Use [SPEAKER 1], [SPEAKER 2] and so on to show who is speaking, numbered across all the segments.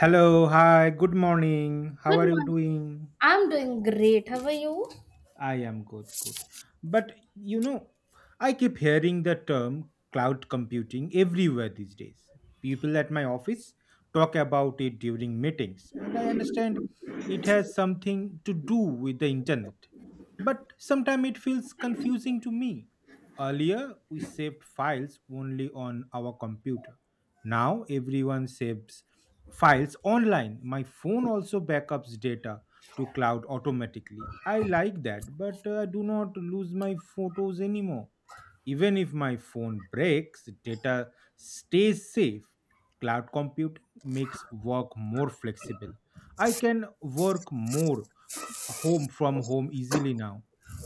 [SPEAKER 1] Hello, hi, good morning. How
[SPEAKER 2] Good
[SPEAKER 1] are you
[SPEAKER 2] morning.
[SPEAKER 1] doing?
[SPEAKER 2] I'm doing great. How are you?
[SPEAKER 1] I am good. But you know, I keep hearing the term cloud computing everywhere these days. People at my office talk about it during meetings, and I understand it has something to do with the internet. But sometimes it feels confusing to me. Earlier, we saved files only on our computer. Now, everyone saves files online. My phone also backups data to cloud automatically. I like that, but I do not lose my photos anymore. Even if my phone breaks, data stays safe. Cloud computing makes work more flexible. I can work more home from home easily now.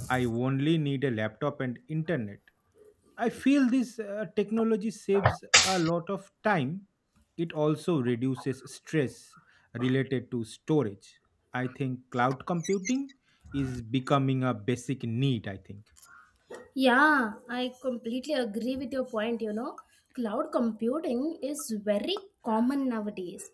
[SPEAKER 1] I only need a laptop and internet. I feel this technology saves a lot of time. It also reduces stress related to storage. I think cloud computing is becoming a basic need, I think.
[SPEAKER 2] Yeah, I completely agree with your point. You know, cloud computing is very common nowadays.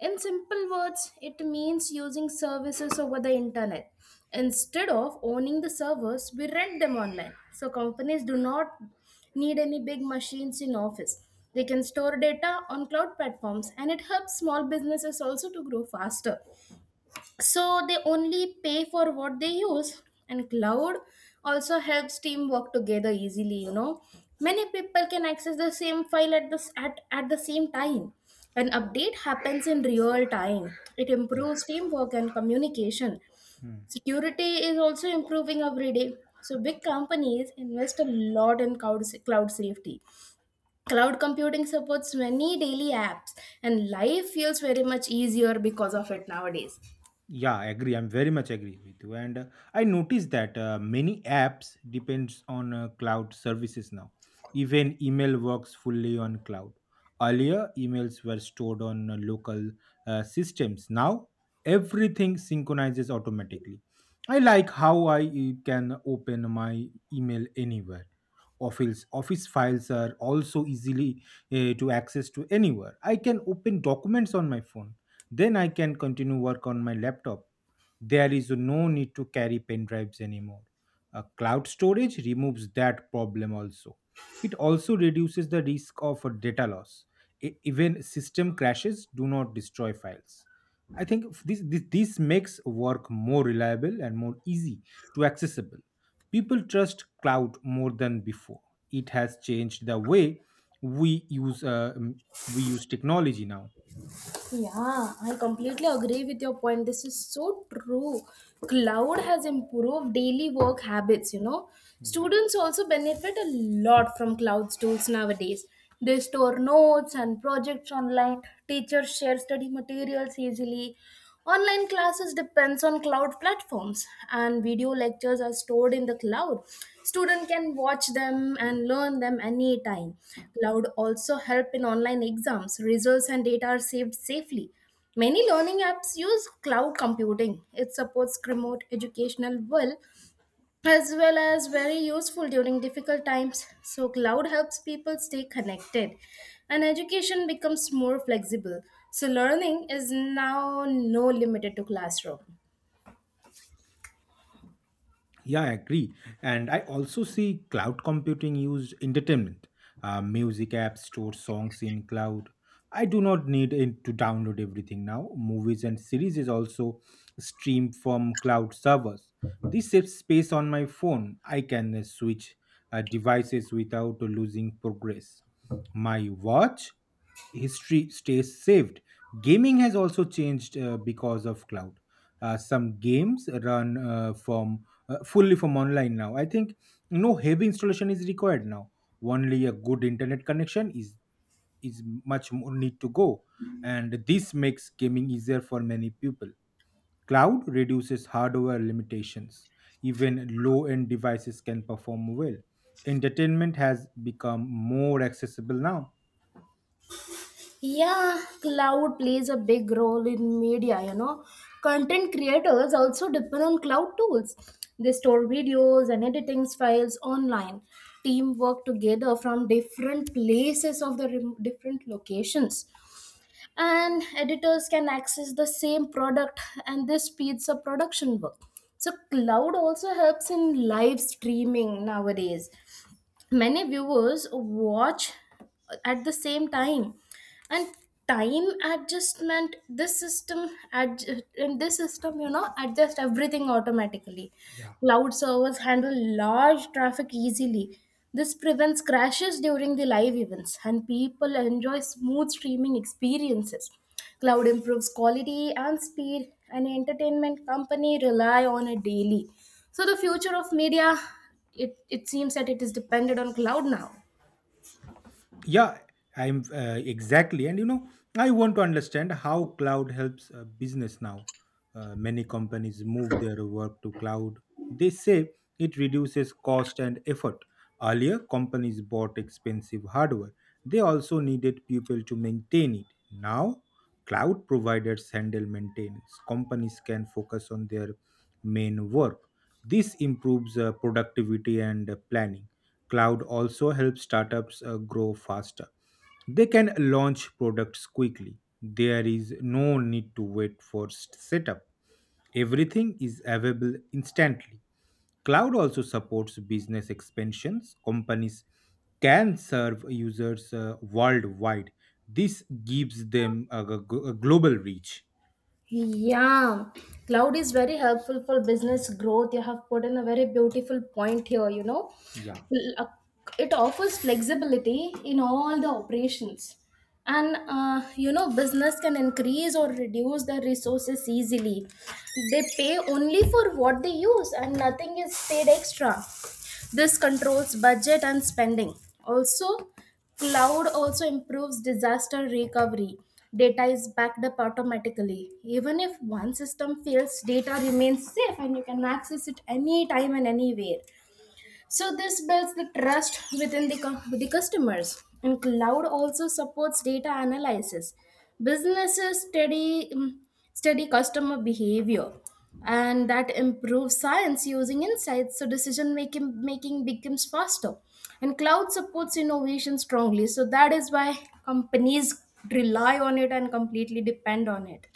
[SPEAKER 2] In simple words, it means using services over the internet. Instead of owning the servers, we rent them online. So companies do not need any big machines in office. They can store data on cloud platforms, and it helps small businesses also to grow faster. So they only pay for what they use, and cloud also helps team work together easily, you know, many people can access the same file at, the same time. An update happens in real time. It
[SPEAKER 1] Yeah.
[SPEAKER 2] improves teamwork and communication.
[SPEAKER 1] Hmm.
[SPEAKER 2] Security is also improving every day. So big companies invest a lot in cloud safety. Cloud computing supports many daily apps, and life feels very much easier because of it nowadays.
[SPEAKER 1] Yeah, I agree. I'm very much agree with you. And I noticed that many apps depends on cloud services now. Even email works fully on cloud. Earlier, emails were stored on local systems. Now, everything synchronizes automatically. I like how I can open my email anywhere. Office files are also easily to access to anywhere. I can open documents on my phone then I can continue work on my laptop. There is no need to carry pen drives anymore. A cloud storage removes that problem also. It also reduces the risk of a data loss. Even system crashes do not destroy files. I think this makes work more reliable and more easy to accessible. People trust cloud more than before. It has changed the way we use uh, we use technology now.
[SPEAKER 2] Yeah, I completely agree with your point. This is so true. Cloud has improved daily work habits, you know.
[SPEAKER 1] Yeah.
[SPEAKER 2] Students also benefit a lot from cloud tools nowadays. They store notes and projects online. Teachers share study materials easily. Online classes depends on cloud platforms, and video lectures are stored in the cloud. Student can watch them and learn them anytime. Cloud also help in online exams. Results and data are saved safely. Many learning apps use cloud computing. It supports remote educational well as very useful during difficult times. So cloud helps people stay connected, and education becomes more flexible. So, learning is now no limited to classroom.
[SPEAKER 1] Yeah, I agree. And I also see cloud computing used entertainment. Music apps store songs in cloud. I do not need it to download everything now. Movies and series is also streamed from cloud servers. This saves space on my phone. I can switch devices without losing progress. My watch history stays saved. Gaming has also changed because of cloud. Some games run from fully from online now. I think no heavy installation is required now. Only a good internet connection is much more need to go, and this makes gaming easier for many people. Cloud reduces hardware limitations. Even low-end devices can perform well. Entertainment has become more accessible now.
[SPEAKER 2] Yeah, cloud plays a big role in media, you know. Content creators also depend on cloud tools. They store videos and editing files online. Team work together from different places of the different locations, and editors can access the same product, and this speeds up production work. So cloud also helps in live streaming nowadays. Many viewers watch at the same time, and time adjustment in this system, you know, adjust everything automatically.
[SPEAKER 1] Yeah.
[SPEAKER 2] Cloud servers handle large traffic easily. This prevents crashes during the live events, and people enjoy smooth streaming experiences. Cloud improves quality and speed, and entertainment company rely on it daily. So the future of media, it seems that it is dependent on cloud now.
[SPEAKER 1] Yeah, I'm exactly. And you know, I want to understand how cloud helps business now. Many companies move their work to cloud. They say it reduces cost and effort. Earlier, companies bought expensive hardware. They also needed people to maintain it. Now, cloud providers handle maintenance. Companies can focus on their main work. This improves productivity and planning. Cloud also helps startups grow faster. They can launch products quickly. There is no need to wait for setup. Everything is available instantly. Cloud also supports business expansions. Companies can serve users worldwide. This gives them a global reach.
[SPEAKER 2] Yeah, cloud is very helpful for business growth. You have put in a very beautiful point here, you know.
[SPEAKER 1] Yeah.
[SPEAKER 2] L- It offers flexibility in all the operations. And, you know, business can increase or reduce their resources easily. They pay only for what they use, and nothing is paid extra. This controls budget and spending. Also, cloud also improves disaster recovery. Data is backed up automatically. Even if one system fails, data remains safe, and you can access it anytime and anywhere. So this builds the trust within the customers. And cloud also supports data analysis. Businesses study customer behavior, and that improves science using insights. So decision making becomes faster, and cloud supports innovation strongly. So that is why companies rely on it and completely depend on it.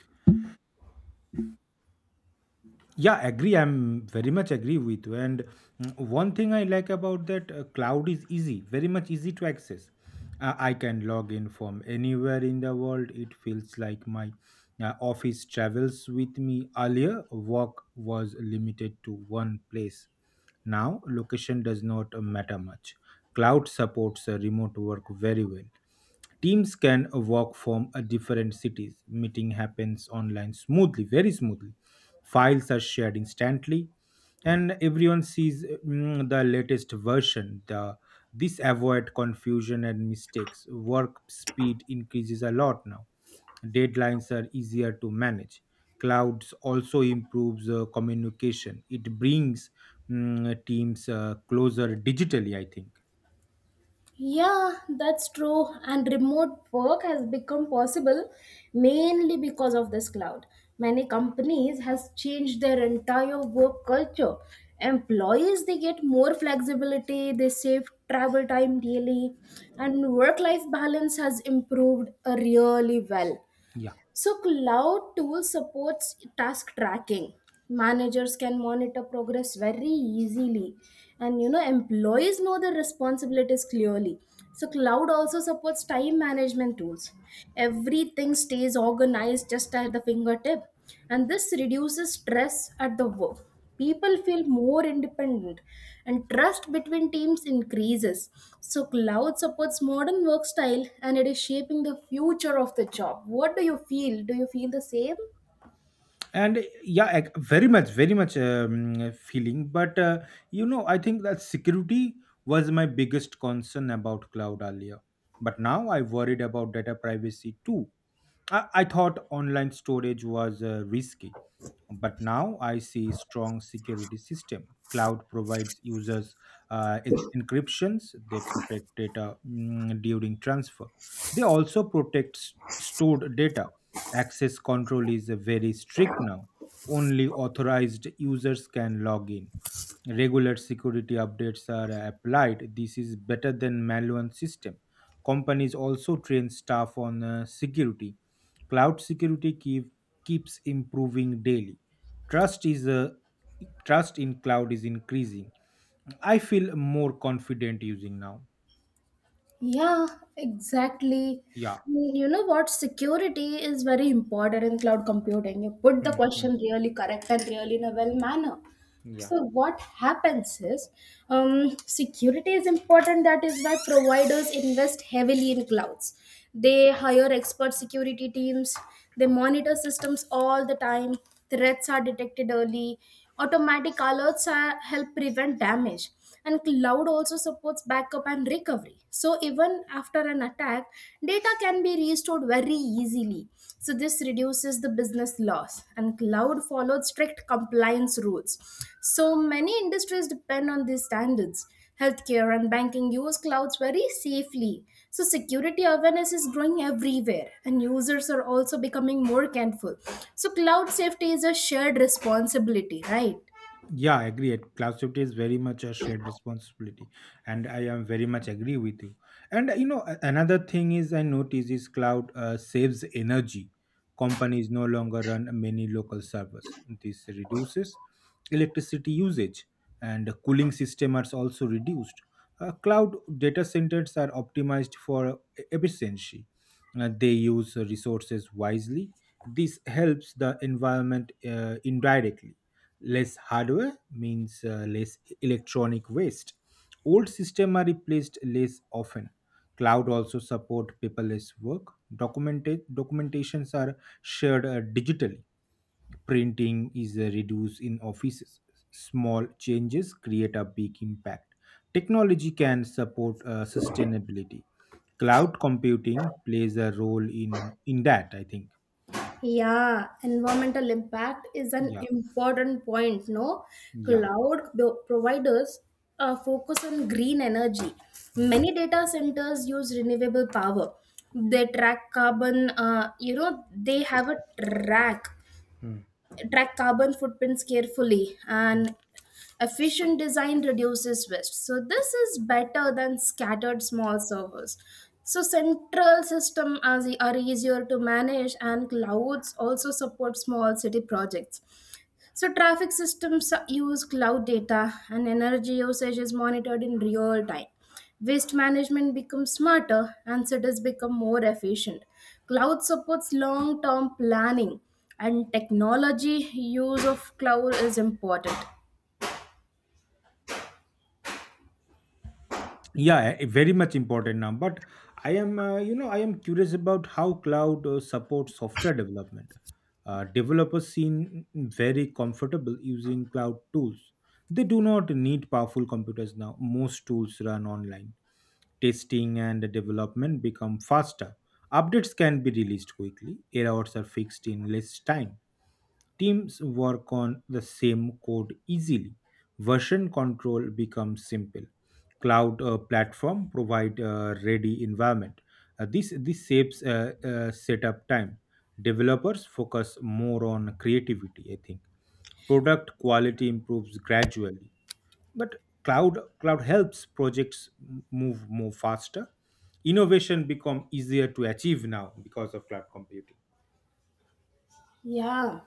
[SPEAKER 1] Yeah, agree. I'm very much agree with you. And one thing I like about that cloud is easy very much easy to access. I can log in from anywhere in the world. It feels like my office travels with me. Earlier work was limited to one place. Now location does not matter much. Cloud supports remote work very well. Teams can work from a different cities. Meeting happens online smoothly, very smoothly. Files are shared instantly, and everyone sees the latest version. The this avoid confusion and mistakes. Work speed increases a lot now. Deadlines are easier to manage. Clouds also improves communication. It brings teams closer digitally, I think.
[SPEAKER 2] Yeah, that's true. And remote work has become possible mainly because of this cloud. Many companies has changed their entire work culture. Employees they get more flexibility, they save travel time daily, and work life balance has improved really well.
[SPEAKER 1] Yeah.
[SPEAKER 2] So cloud tool supports task tracking. Managers can monitor progress very easily, and you know, employees know their responsibilities clearly. So cloud also supports time management tools. Everything stays organized just at the fingertip, and this reduces stress at the work. People feel more independent, and trust between teams increases. So cloud supports modern work style, and it is shaping the future of the job. What do you feel? Do you feel the same?
[SPEAKER 1] And yeah, ag- very much very much feeling. But you know, I think that security was my biggest concern about cloud earlier, but now I worried about data privacy too. I thought online storage was risky, but now I see strong security system cloud provides users. Encryptions, they protect data during transfer. They also protect stored data. Access control is very strict now. Only authorized users can log in. Regular security updates are applied. This is better than manual system. Companies also train staff on security. Cloud keeps improving daily. Trust is uh, Trust in cloud is increasing. I feel more confident using now.
[SPEAKER 2] Yeah, exactly.
[SPEAKER 1] Yeah.
[SPEAKER 2] I mean, you know what? Security is very important in cloud computing. You put the
[SPEAKER 1] Hmm, hmm.
[SPEAKER 2] question really correct and really in a well manner.
[SPEAKER 1] Yeah.
[SPEAKER 2] So what happens is, security is important. That is why providers invest heavily in clouds. They hire expert security teams. They monitor systems all the time. Threats are detected early. Automatic alerts are, help prevent damage, and cloud also supports backup and recovery. So even after an attack, data can be restored very easily. So this reduces the business loss, and cloud follows strict compliance rules. So many industries depend on these standards. Healthcare and banking use clouds very safely. So security awareness is growing everywhere, and users are also becoming more careful. So cloud safety is a shared responsibility, right?
[SPEAKER 1] Yeah, I agree. At cloud safety is very much a shared responsibility, and I am very much agree with you. And you know, another thing is I notice is cloud saves energy. Companies no longer run many local servers. This reduces electricity usage, and cooling system are also reduced. Cloud data centers are optimized for efficiency. They use resources wisely. This helps the environment indirectly. Less hardware means less electronic waste. Old systems are replaced less often. Cloud also support paperless work. Documented Documentations are shared digitally. Printing is reduced in offices. Small changes create a big impact. Technology can support sustainability. Cloud computing plays a role in that, I think.
[SPEAKER 2] Yeah, environmental impact is an
[SPEAKER 1] Yeah,
[SPEAKER 2] important point. No,
[SPEAKER 1] yeah.
[SPEAKER 2] cloud providers focus on green energy.
[SPEAKER 1] Hmm.
[SPEAKER 2] Many data centers use renewable power. They track carbon. You know, they have a track
[SPEAKER 1] Hmm.
[SPEAKER 2] track carbon footprints carefully, and efficient design reduces waste. So this is better than scattered small servers. So central system are easier to manage, and clouds also support small city projects. So, traffic systems use cloud data, and energy usage is monitored in real time. Waste management becomes smarter, and cities become more efficient. Cloud supports long term planning, and technology use of cloud is important.
[SPEAKER 1] Yeah, a very much important now. But I am you know, I am curious about how cloud supports software development. Developers seem very comfortable using cloud tools. They do not need powerful computers now. Most tools run online. Testing and development become faster. Updates can be released quickly. Errors are fixed in less time. Teams work on the same code easily. Version control becomes simple. Cloud platform provide a ready environment. This saves setup time. Developers focus more on creativity, I think. Product quality improves gradually, but cloud helps projects move more faster. Innovation become easier to achieve now because of cloud computing.
[SPEAKER 2] Yeah,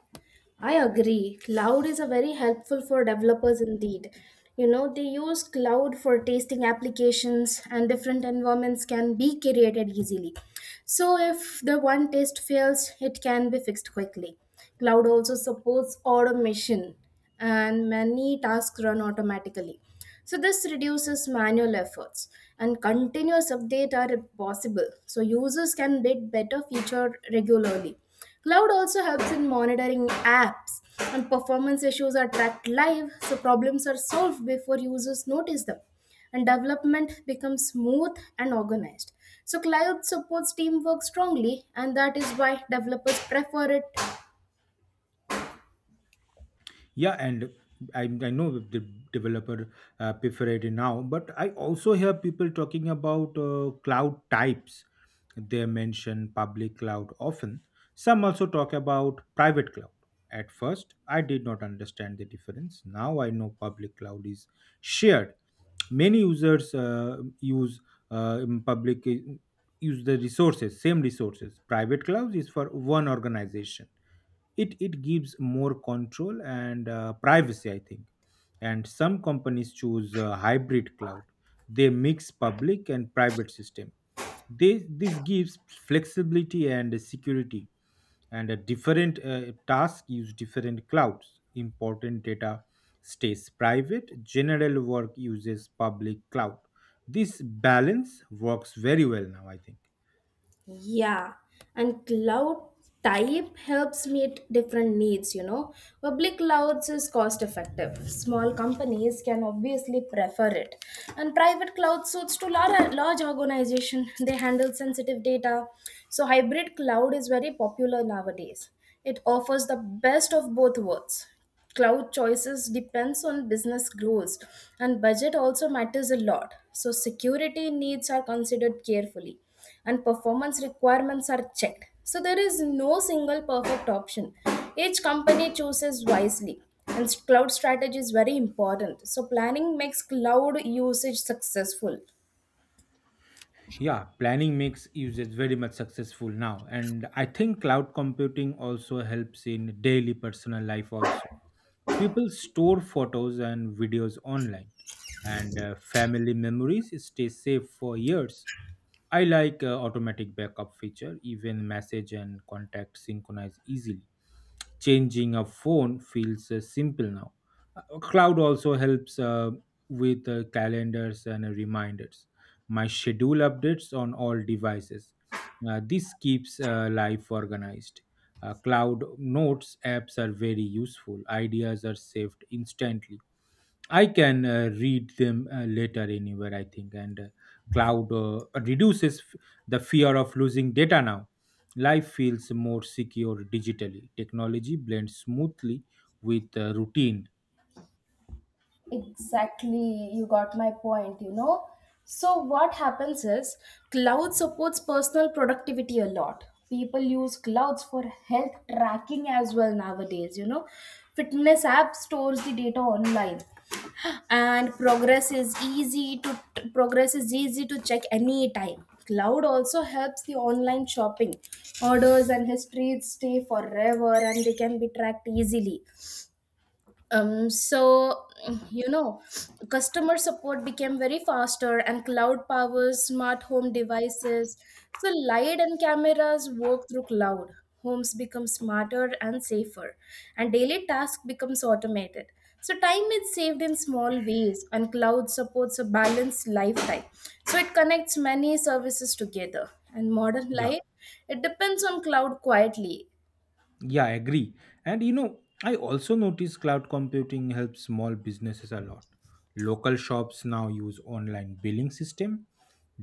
[SPEAKER 2] I agree. Cloud is a very helpful for developers indeed. You know, they use cloud for testing applications, and different environments can be created easily. So if the one test fails, it can be fixed quickly. Cloud also supports automation, and many tasks run automatically. So this reduces manual efforts, and continuous update are possible. So users can get better feature regularly. Cloud also helps in monitoring apps, and performance issues are tracked live. So problems are solved before users notice them, and development becomes smooth and organized. So cloud supports teamwork strongly, and that is why developers prefer it.
[SPEAKER 1] Yeah, and I know the developer prefer it now, but I also hear people talking about cloud types. They mention public cloud often. Some also talk about private cloud. At first, I did not understand the difference. Now I know public cloud is shared. Many users use in public use the resources same resources. Private cloud is for one organization. It gives more control and privacy, I think. And some companies choose a hybrid cloud. They mix public and private system. This gives flexibility and security. And a different task use different clouds. Important data stays private. General work uses public cloud. This balance works very well now, I think.
[SPEAKER 2] Yeah, and cloud type helps meet different needs, you know. Public clouds is cost effective. Small companies can obviously prefer it. And private cloud suits to large organization. They handle sensitive data. So hybrid cloud is very popular nowadays. It offers the best of both worlds. Cloud choices depends on business goals, and budget also matters a lot. So security needs are considered carefully, and performance requirements are checked. So there is no single perfect option. Each company chooses wisely, and cloud strategy is very important. So planning makes cloud usage successful.
[SPEAKER 1] Yeah, planning makes users very much successful now. And I think cloud computing also helps in daily personal life also. People store photos and videos online, and family memories stay safe for years. I like automatic backup feature. Even message and contact synchronize easily. Changing a phone feels simple now. Cloud also helps with calendars and reminders. My schedule updates on all devices. This keeps life organized. Cloud notes apps are very useful. Ideas are saved instantly. I can read them later anywhere, I think. And cloud reduces the fear of losing data now. Life feels more secure digitally. Technology blends smoothly with routine.
[SPEAKER 2] Exactly, you got my point, you know. So, what happens is cloud supports personal productivity a lot. People use clouds for health tracking as well nowadays, you know. Fitness app stores the data online, and progress is easy to check anytime. Cloud also helps the online shopping. Orders and histories stay forever, and they can be tracked easily. So, you know, customer support became very faster, and cloud powers smart home devices. So light and cameras work through cloud. Homes become smarter and safer, and daily task becomes automated. So time is saved in small ways, and cloud supports a balanced lifestyle. So it connects many services together, and modern
[SPEAKER 1] Yeah.
[SPEAKER 2] life, it depends on cloud quietly.
[SPEAKER 1] Yeah, I agree. And you know, I also notice cloud computing helps small businesses a lot. Local shops now use online billing system.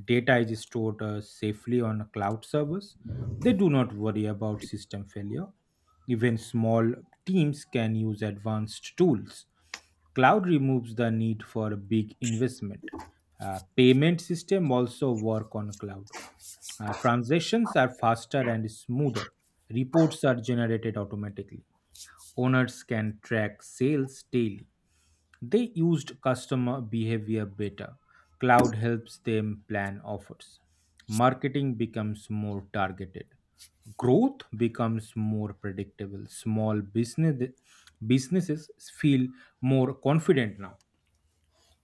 [SPEAKER 1] Data is stored safely on cloud servers. They do not worry about system failure. Even small teams can use advanced tools. Cloud removes the need for a big investment. Payment system also work on cloud. Transactions are faster and smoother. Reports are generated automatically. Owners can track sales daily. They used customer behavior better. Cloud helps them plan offers. Marketing becomes more targeted. Growth becomes more predictable. Small businesses feel more confident now.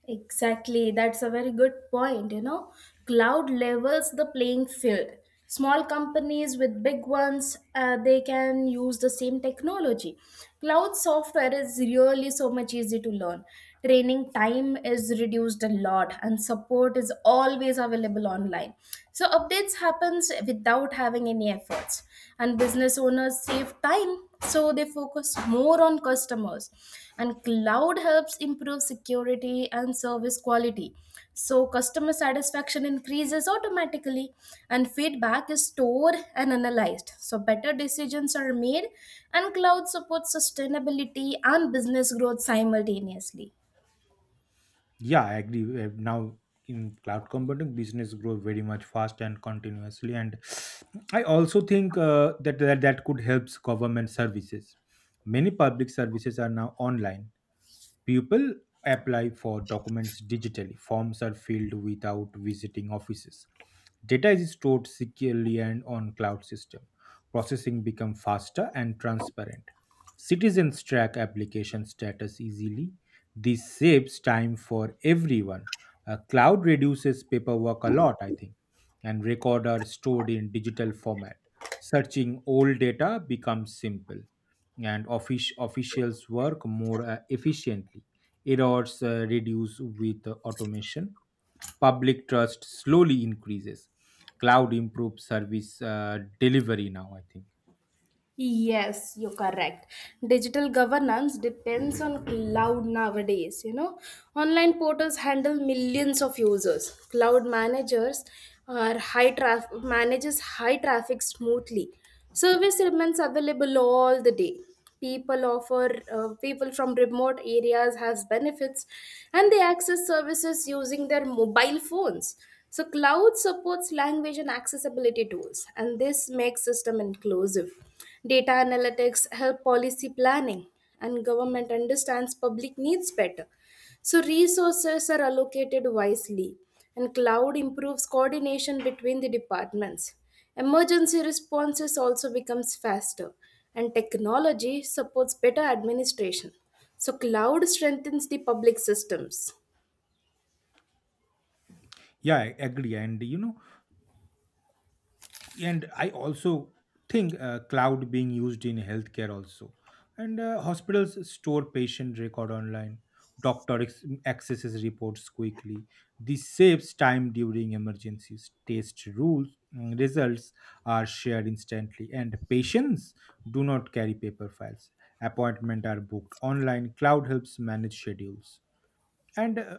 [SPEAKER 2] Exactly, that's a very good point. You know, cloud levels the playing field. Small companies with big ones, they can use the same technology. Cloud software is really so much easy to learn. Training time is reduced a lot, and support is always available online. So updates happens without having any efforts, and business owners save time, so they focus more on customers, and cloud helps improve security and service quality. So customer satisfaction increases automatically, and feedback is stored and analyzed, so better decisions are made, and cloud supports sustainability and business growth simultaneously.
[SPEAKER 1] Yeah, I agree. Now in cloud computing, business grow very much fast and continuously. And I also think that could help government services. Many public services are now online. People apply for documents digitally. Forms are filled without visiting offices. Data is stored securely and on cloud system. Processing become faster and transparent. Citizens track application status easily. This saves time for everyone. Cloud reduces paperwork a lot, I think, and records are stored in digital format. Searching old data becomes simple and officials work more efficiently. Errors reduce with automation. Public trust slowly increases. Cloud improves service delivery now, I think.
[SPEAKER 2] Yes, you're correct. Digital governance depends on cloud nowadays. You know, online portals handle millions of users. Cloud managers are high traffic manages high traffic smoothly. Service remains available all the day. People from remote areas has benefits, and they access services using their mobile phones. So, cloud supports language and accessibility tools, and this makes system inclusive. Data analytics help policy planning, and government understands public needs better. So resources are allocated wisely, and cloud improves coordination between the departments. Emergency responses also becomes faster, and technology supports better administration. So cloud strengthens the public systems.
[SPEAKER 1] Yeah, I agree. And I also think cloud being used in healthcare also, and hospitals store patient record online. Doctor accesses reports quickly. This saves time during emergencies test rules. Results are shared instantly, and patients do not carry paper files. Appointment are booked online. Cloud helps manage schedules, and uh,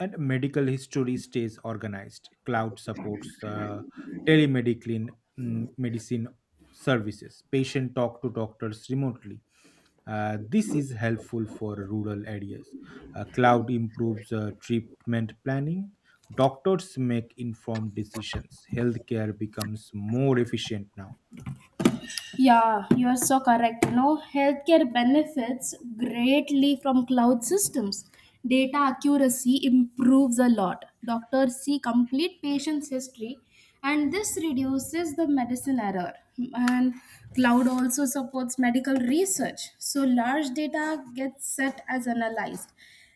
[SPEAKER 1] and medical history stays organized. Cloud supports telemedicine, medicine services. Patient talk to doctors remotely. This is helpful for rural areas. Cloud improves treatment planning. Doctors make informed decisions. Healthcare becomes more efficient now.
[SPEAKER 2] Yeah, you are so correct. You know, healthcare benefits greatly from cloud systems. Data accuracy improves a lot. Doctors see complete patient's history, and this reduces the medicine error. And cloud also supports medical research, so large data gets set as analyzed.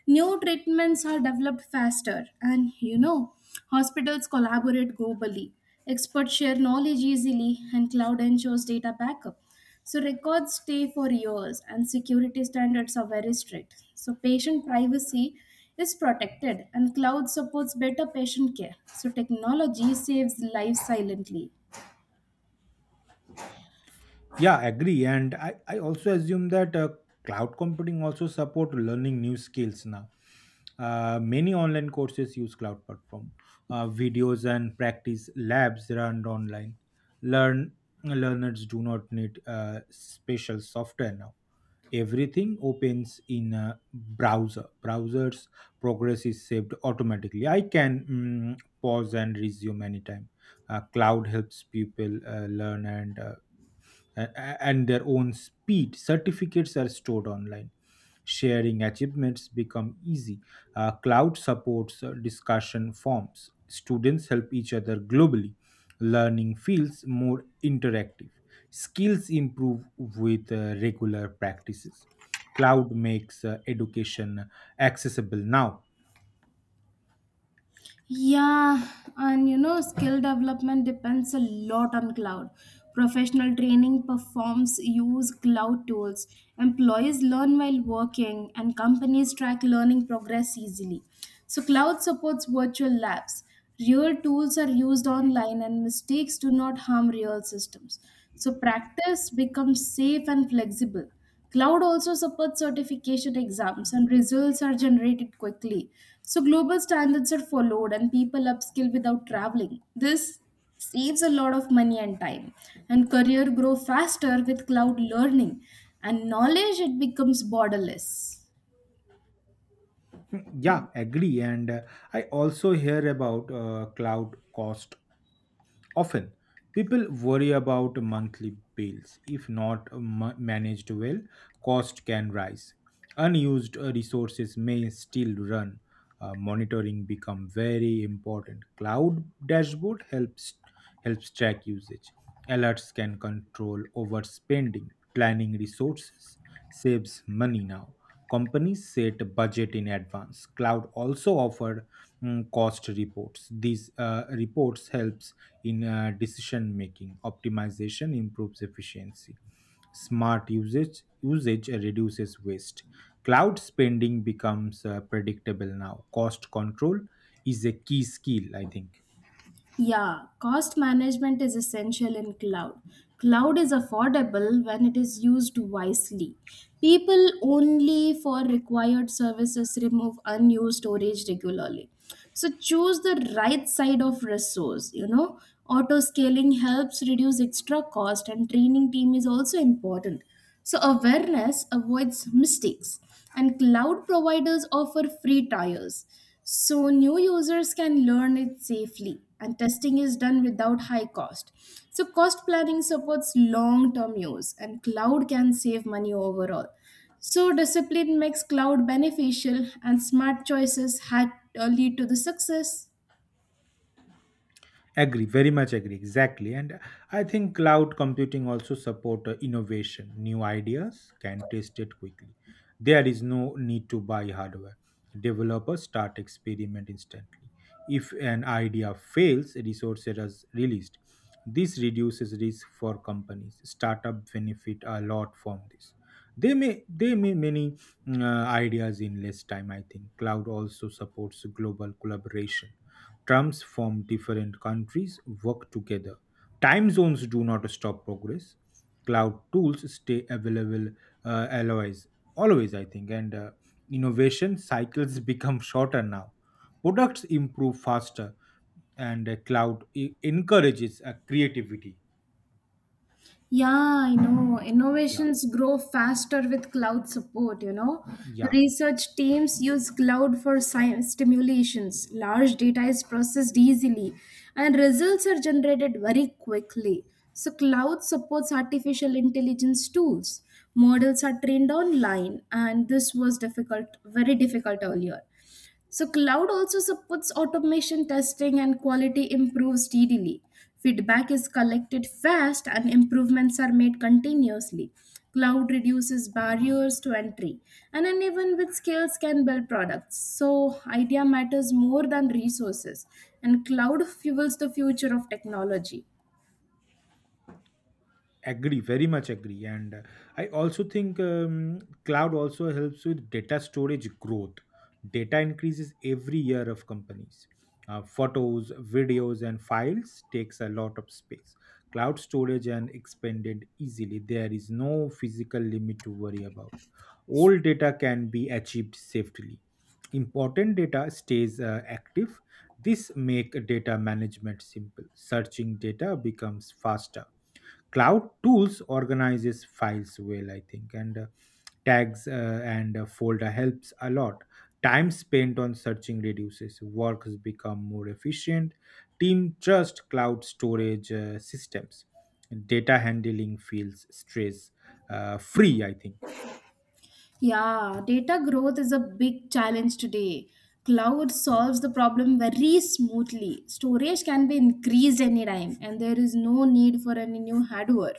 [SPEAKER 2] New treatments are developed faster, and you know, hospitals collaborate globally. Experts share knowledge easily, and cloud ensures data backup. So records stay for years, and security standards are very strict. So patient privacy is protected, and cloud supports better patient care. So technology saves lives silently.
[SPEAKER 1] Yeah, agree. And I also assume that cloud computing also support learning new skills now. Many online courses use cloud platform. Videos and practice labs run online. Learn learners do not need special software now. Everything opens in a browser. Browser's progress is saved automatically. I can pause and resume anytime. Cloud helps people learn and and their own speed. Certificates are stored online. Sharing achievements become easy. Cloud supports discussion forums. Students help each other globally. Learning feels more interactive. Skills improve with regular practices. Cloud makes education accessible now.
[SPEAKER 2] Yeah, and you know, skill development depends a lot on cloud. Professional training performs use cloud tools. Employees learn while working, and companies track learning progress easily. So, cloud supports virtual labs. Real tools are used online, and mistakes do not harm real systems. So, practice becomes safe and flexible. Cloud also supports certification exams, and results are generated quickly. So, global standards are followed, and people upskill without traveling. This saves a lot of money and time, and career grow faster with cloud learning, and knowledge it becomes borderless.
[SPEAKER 1] Yeah, agree. And I also hear about cloud cost. Often, people worry about monthly bills. If not managed well, cost can rise. Unused resources may still run. Monitoring become very important. Cloud dashboard helps track usage. Alerts can control overspending, planning resources, saves money now. Companies set a budget in advance. Cloud also offer cost reports. These reports helps in decision making. Optimization improves efficiency. Smart usage reduces waste. Cloud spending becomes predictable now. Cost control is a key skill, I think.
[SPEAKER 2] Yeah, cost management is essential in cloud. Cloud is affordable when it is used wisely. People only for required services remove unused storage regularly. So choose the right side of resource, you know. Auto scaling helps reduce extra cost and training team is also important. So awareness avoids mistakes and cloud providers offer free trials. So new users can learn it safely and testing is done without high cost. So cost planning supports long-term use and cloud can save money overall. So discipline makes cloud beneficial and smart choices had lead to the success.
[SPEAKER 1] Agree, very much agree, exactly. And I think cloud computing also support innovation. New ideas can test it quickly. There is no need to buy hardware. Developers start experiment instantly. If an idea fails, resources are released. This reduces risk for companies. Startup benefit a lot from this. They may many ideas in less time, I think. Cloud also supports global collaboration. Trumps from different countries work together. Time zones do not stop progress. Cloud tools stay available uh, always, always, I think. And innovation cycles become shorter now. Products improve faster, and cloud encourages creativity.
[SPEAKER 2] Yeah, I know.
[SPEAKER 1] Yeah,
[SPEAKER 2] Innovations grow faster with cloud support, you know.
[SPEAKER 1] yeah.
[SPEAKER 2] Research teams use cloud for stimulations. Large data is processed easily, and results are generated very quickly. So, cloud supports artificial intelligence tools. Models are trained online, and this was difficult, very difficult earlier. So cloud also supports automation testing and quality improves steadily. Feedback is collected fast and improvements are made continuously. Cloud reduces barriers to entry and anyone with skills can build products. So idea matters more than resources and cloud fuels the future of technology.
[SPEAKER 1] Agree, very much agree. And I also think cloud also helps with data storage growth. Data increases every year of companies. Photos, videos and files takes a lot of space. Cloud storage and expanded easily. There is no physical limit to worry about. All data can be achieved safely. Important data stays active. This make data management simple. Searching data becomes faster. Cloud tools organizes files well, I think. And tags and a folder helps a lot. Time spent on searching reduces. Work has become more efficient. Team trust cloud storage systems. Data handling feels stress free, I think.
[SPEAKER 2] Yeah, data growth is a big challenge today. Cloud solves the problem very smoothly. Storage can be increased anytime, and there is no need for any new hardware.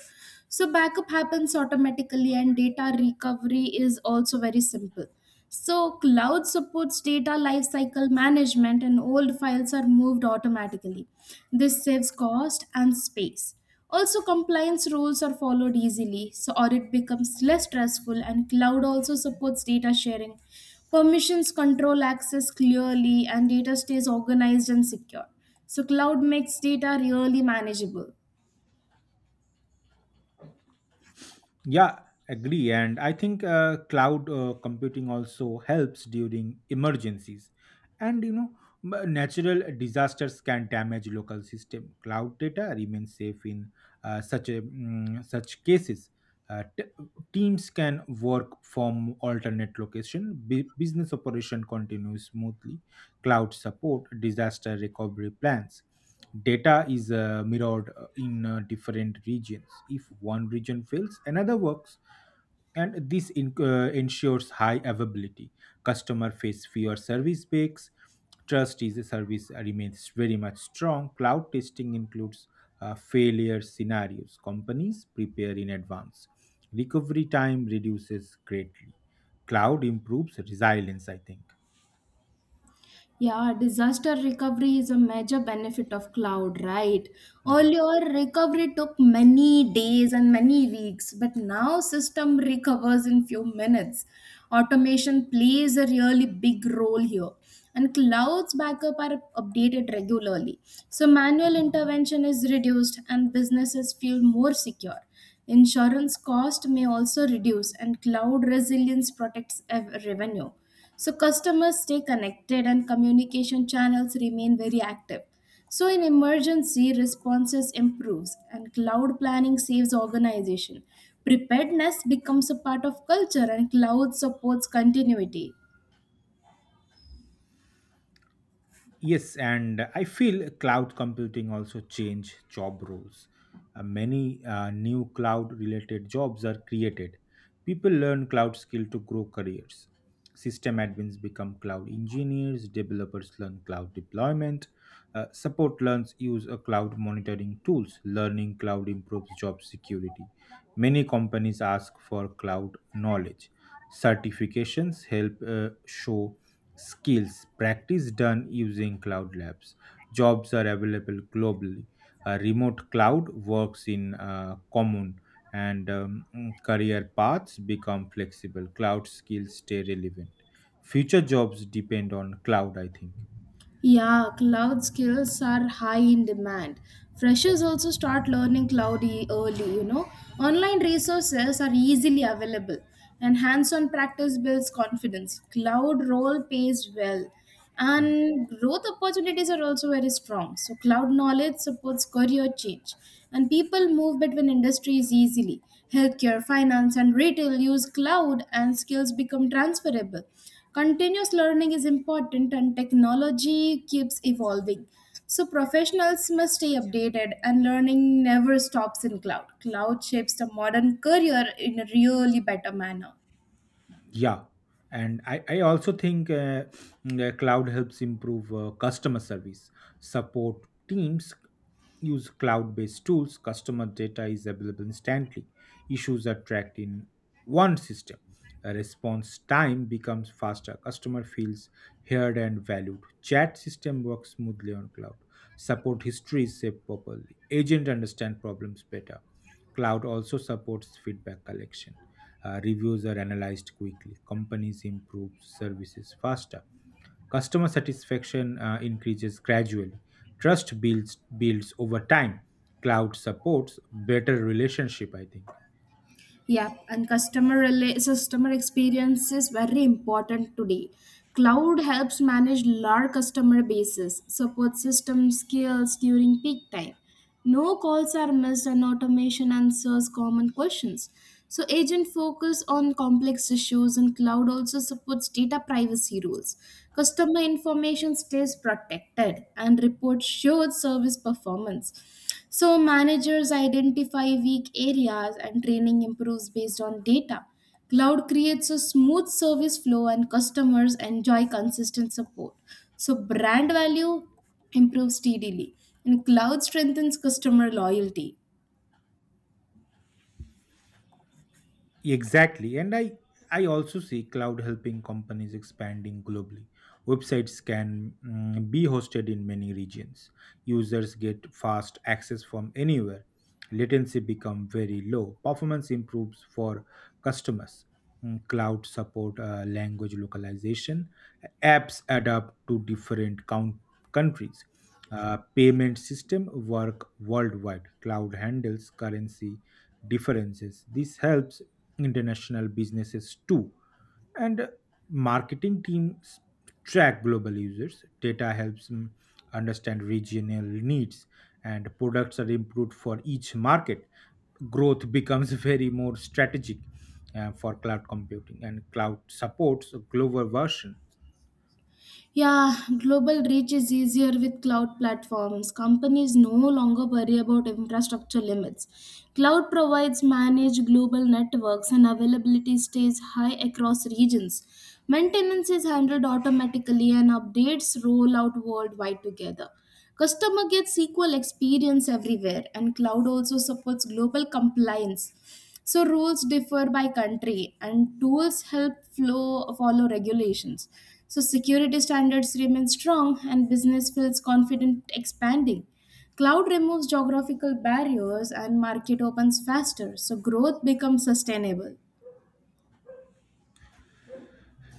[SPEAKER 2] So, backup happens automatically, and data recovery is also very simple. So cloud supports data lifecycle management and old files are moved automatically. This saves cost and space. Also, compliance rules are followed easily, so audit becomes less stressful and cloud also supports data sharing. Permissions control access clearly and data stays organized and secure. So cloud makes data really manageable.
[SPEAKER 1] Yeah, agree. And I think cloud computing also helps during emergencies. And you know, natural disasters can damage local system. Cloud data remains safe in such cases. Uh, t- Teams can work from alternate location. Business operation continues smoothly. Cloud support disaster recovery plans. Data is mirrored in different regions. If one region fails, another works, and this ensures high availability. Customer face fewer service breaks. Trust is a service remains very much strong. Cloud testing includes failure scenarios. Companies prepare in advance. Recovery time reduces greatly. Cloud improves resilience, I think.
[SPEAKER 2] Yeah, disaster recovery is a major benefit of cloud, right?
[SPEAKER 1] Yeah.
[SPEAKER 2] Earlier, recovery took many days and many weeks, but now system recovers in few minutes. Automation plays a really big role here, and clouds backup are updated regularly. So manual intervention is reduced and businesses feel more secure. Insurance cost may also reduce and cloud resilience protects revenue. So customers stay connected and communication channels remain very active. So in emergency responses improves and cloud planning saves organization. Preparedness becomes a part of culture and cloud supports continuity.
[SPEAKER 1] Yes, and I feel cloud computing also change job roles. Many new cloud-related jobs are created. People learn cloud skill to grow careers. System admins become cloud engineers. Developers learn cloud deployment. Support learns use a cloud monitoring tools. Learning cloud improves job security. Many companies ask for cloud knowledge. Certifications help show skills. Practice done using cloud labs. Jobs are available globally. A remote cloud works in common, and career paths become flexible. Cloud skills stay relevant. Future jobs depend on cloud, I think.
[SPEAKER 2] Yeah, cloud skills are high in demand. Freshers also start learning cloud early, you know. Online resources are easily available, and hands on practice builds confidence. Cloud role pays well, and growth opportunities are also very strong. So, cloud knowledge supports career change, and people move between industries easily. Healthcare, finance, and retail use cloud, and skills become transferable. Continuous learning is important and technology keeps evolving. So professionals must stay updated and learning never stops in cloud. Cloud shapes the modern career in a really better manner.
[SPEAKER 1] Yeah, and I also think the cloud helps improve customer service. Support teams use cloud based tools. Customer data is available instantly. Issues are tracked in one system. A response time becomes faster. Customer feels heard and valued. Chat system works smoothly on cloud. Support history is saved properly. Agent understand problems better. Cloud also supports feedback collection. Reviews are analyzed quickly. Companies improve services faster. Customer satisfaction increases gradually. Trust builds over time. Cloud supports better relationship, I think.
[SPEAKER 2] Yeah, and customer customer experience is very important today. Cloud helps manage large customer bases, support system skills during peak time. No calls are missed and automation answers common questions. So agent focus on complex issues and cloud also supports data privacy rules. Customer information stays protected and report showed service performance. So, managers identify weak areas and training improves based on data. Cloud creates a smooth service flow and customers enjoy consistent support. So, brand value improves steadily, and cloud strengthens customer loyalty.
[SPEAKER 1] Exactly. And I also see cloud helping companies expanding globally. Websites can be hosted in many regions. Users get fast access from anywhere. Latency become very low. Performance improves for customers. Cloud support language localization. Apps adapt to different countries. Payment system work worldwide. Cloud handles currency differences. This helps international businesses too. And marketing teams track global users. Data helps them understand regional needs, and products are improved for each market. Growth becomes very more strategic for cloud computing, and cloud supports a global version.
[SPEAKER 2] Yeah, global reach is easier with cloud platforms. Companies no longer worry about infrastructure limits. Cloud provides managed global networks and availability stays high across regions. Maintenance is handled automatically and updates roll out worldwide together. Customer gets equal experience everywhere and cloud also supports global compliance. So rules differ by country, and tools help flow, follow regulations. So security standards remain strong, and business feels confident expanding. Cloud removes geographical barriers, and market opens faster, so growth becomes sustainable.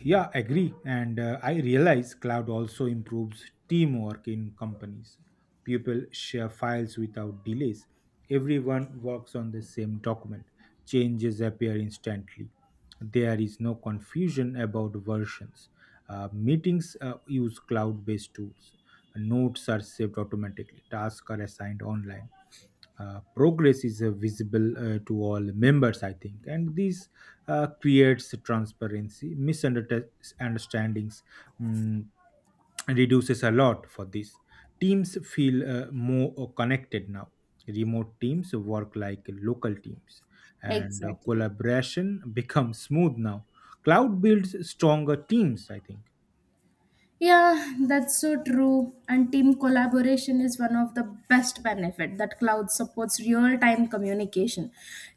[SPEAKER 1] Yeah, agree. And I realize cloud also improves teamwork in companies. People share files without delays. Everyone works on the same document. Changes appear instantly. There is no confusion about versions. Meetings use cloud based tools. Notes are saved automatically. Tasks are assigned online. Progress is visible to all members, I think, and this creates transparency. Misunderstandings mm, reduces a lot for this. Teams feel more connected now. Remote teams work like local teams, and
[SPEAKER 2] Exactly.
[SPEAKER 1] collaboration becomes smooth now. Cloud builds stronger teams, I think.
[SPEAKER 2] Yeah, that's so true. And team collaboration is one of the best benefit that cloud supports real-time communication.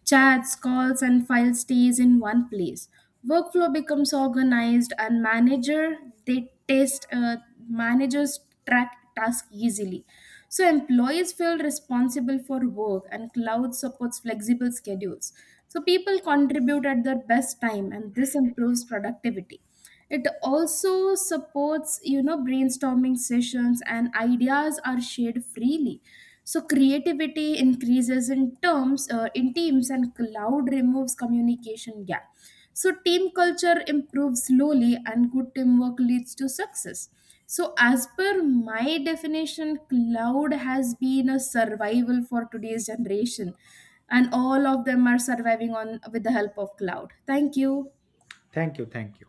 [SPEAKER 2] Chats, calls, and file stays in one place. Workflow becomes organized and manager they test managers track task easily. So employees feel responsible for work and cloud supports flexible schedules. So people contribute at their best time and this improves productivity. It also supports, you know, brainstorming sessions and ideas are shared freely. So creativity increases in teams and cloud removes communication gap. So team culture improves slowly and good teamwork leads to success. So as per my definition cloud has been a survival for today's generation and all of them are surviving on with the help of cloud. Thank you.
[SPEAKER 1] Thank you, thank you.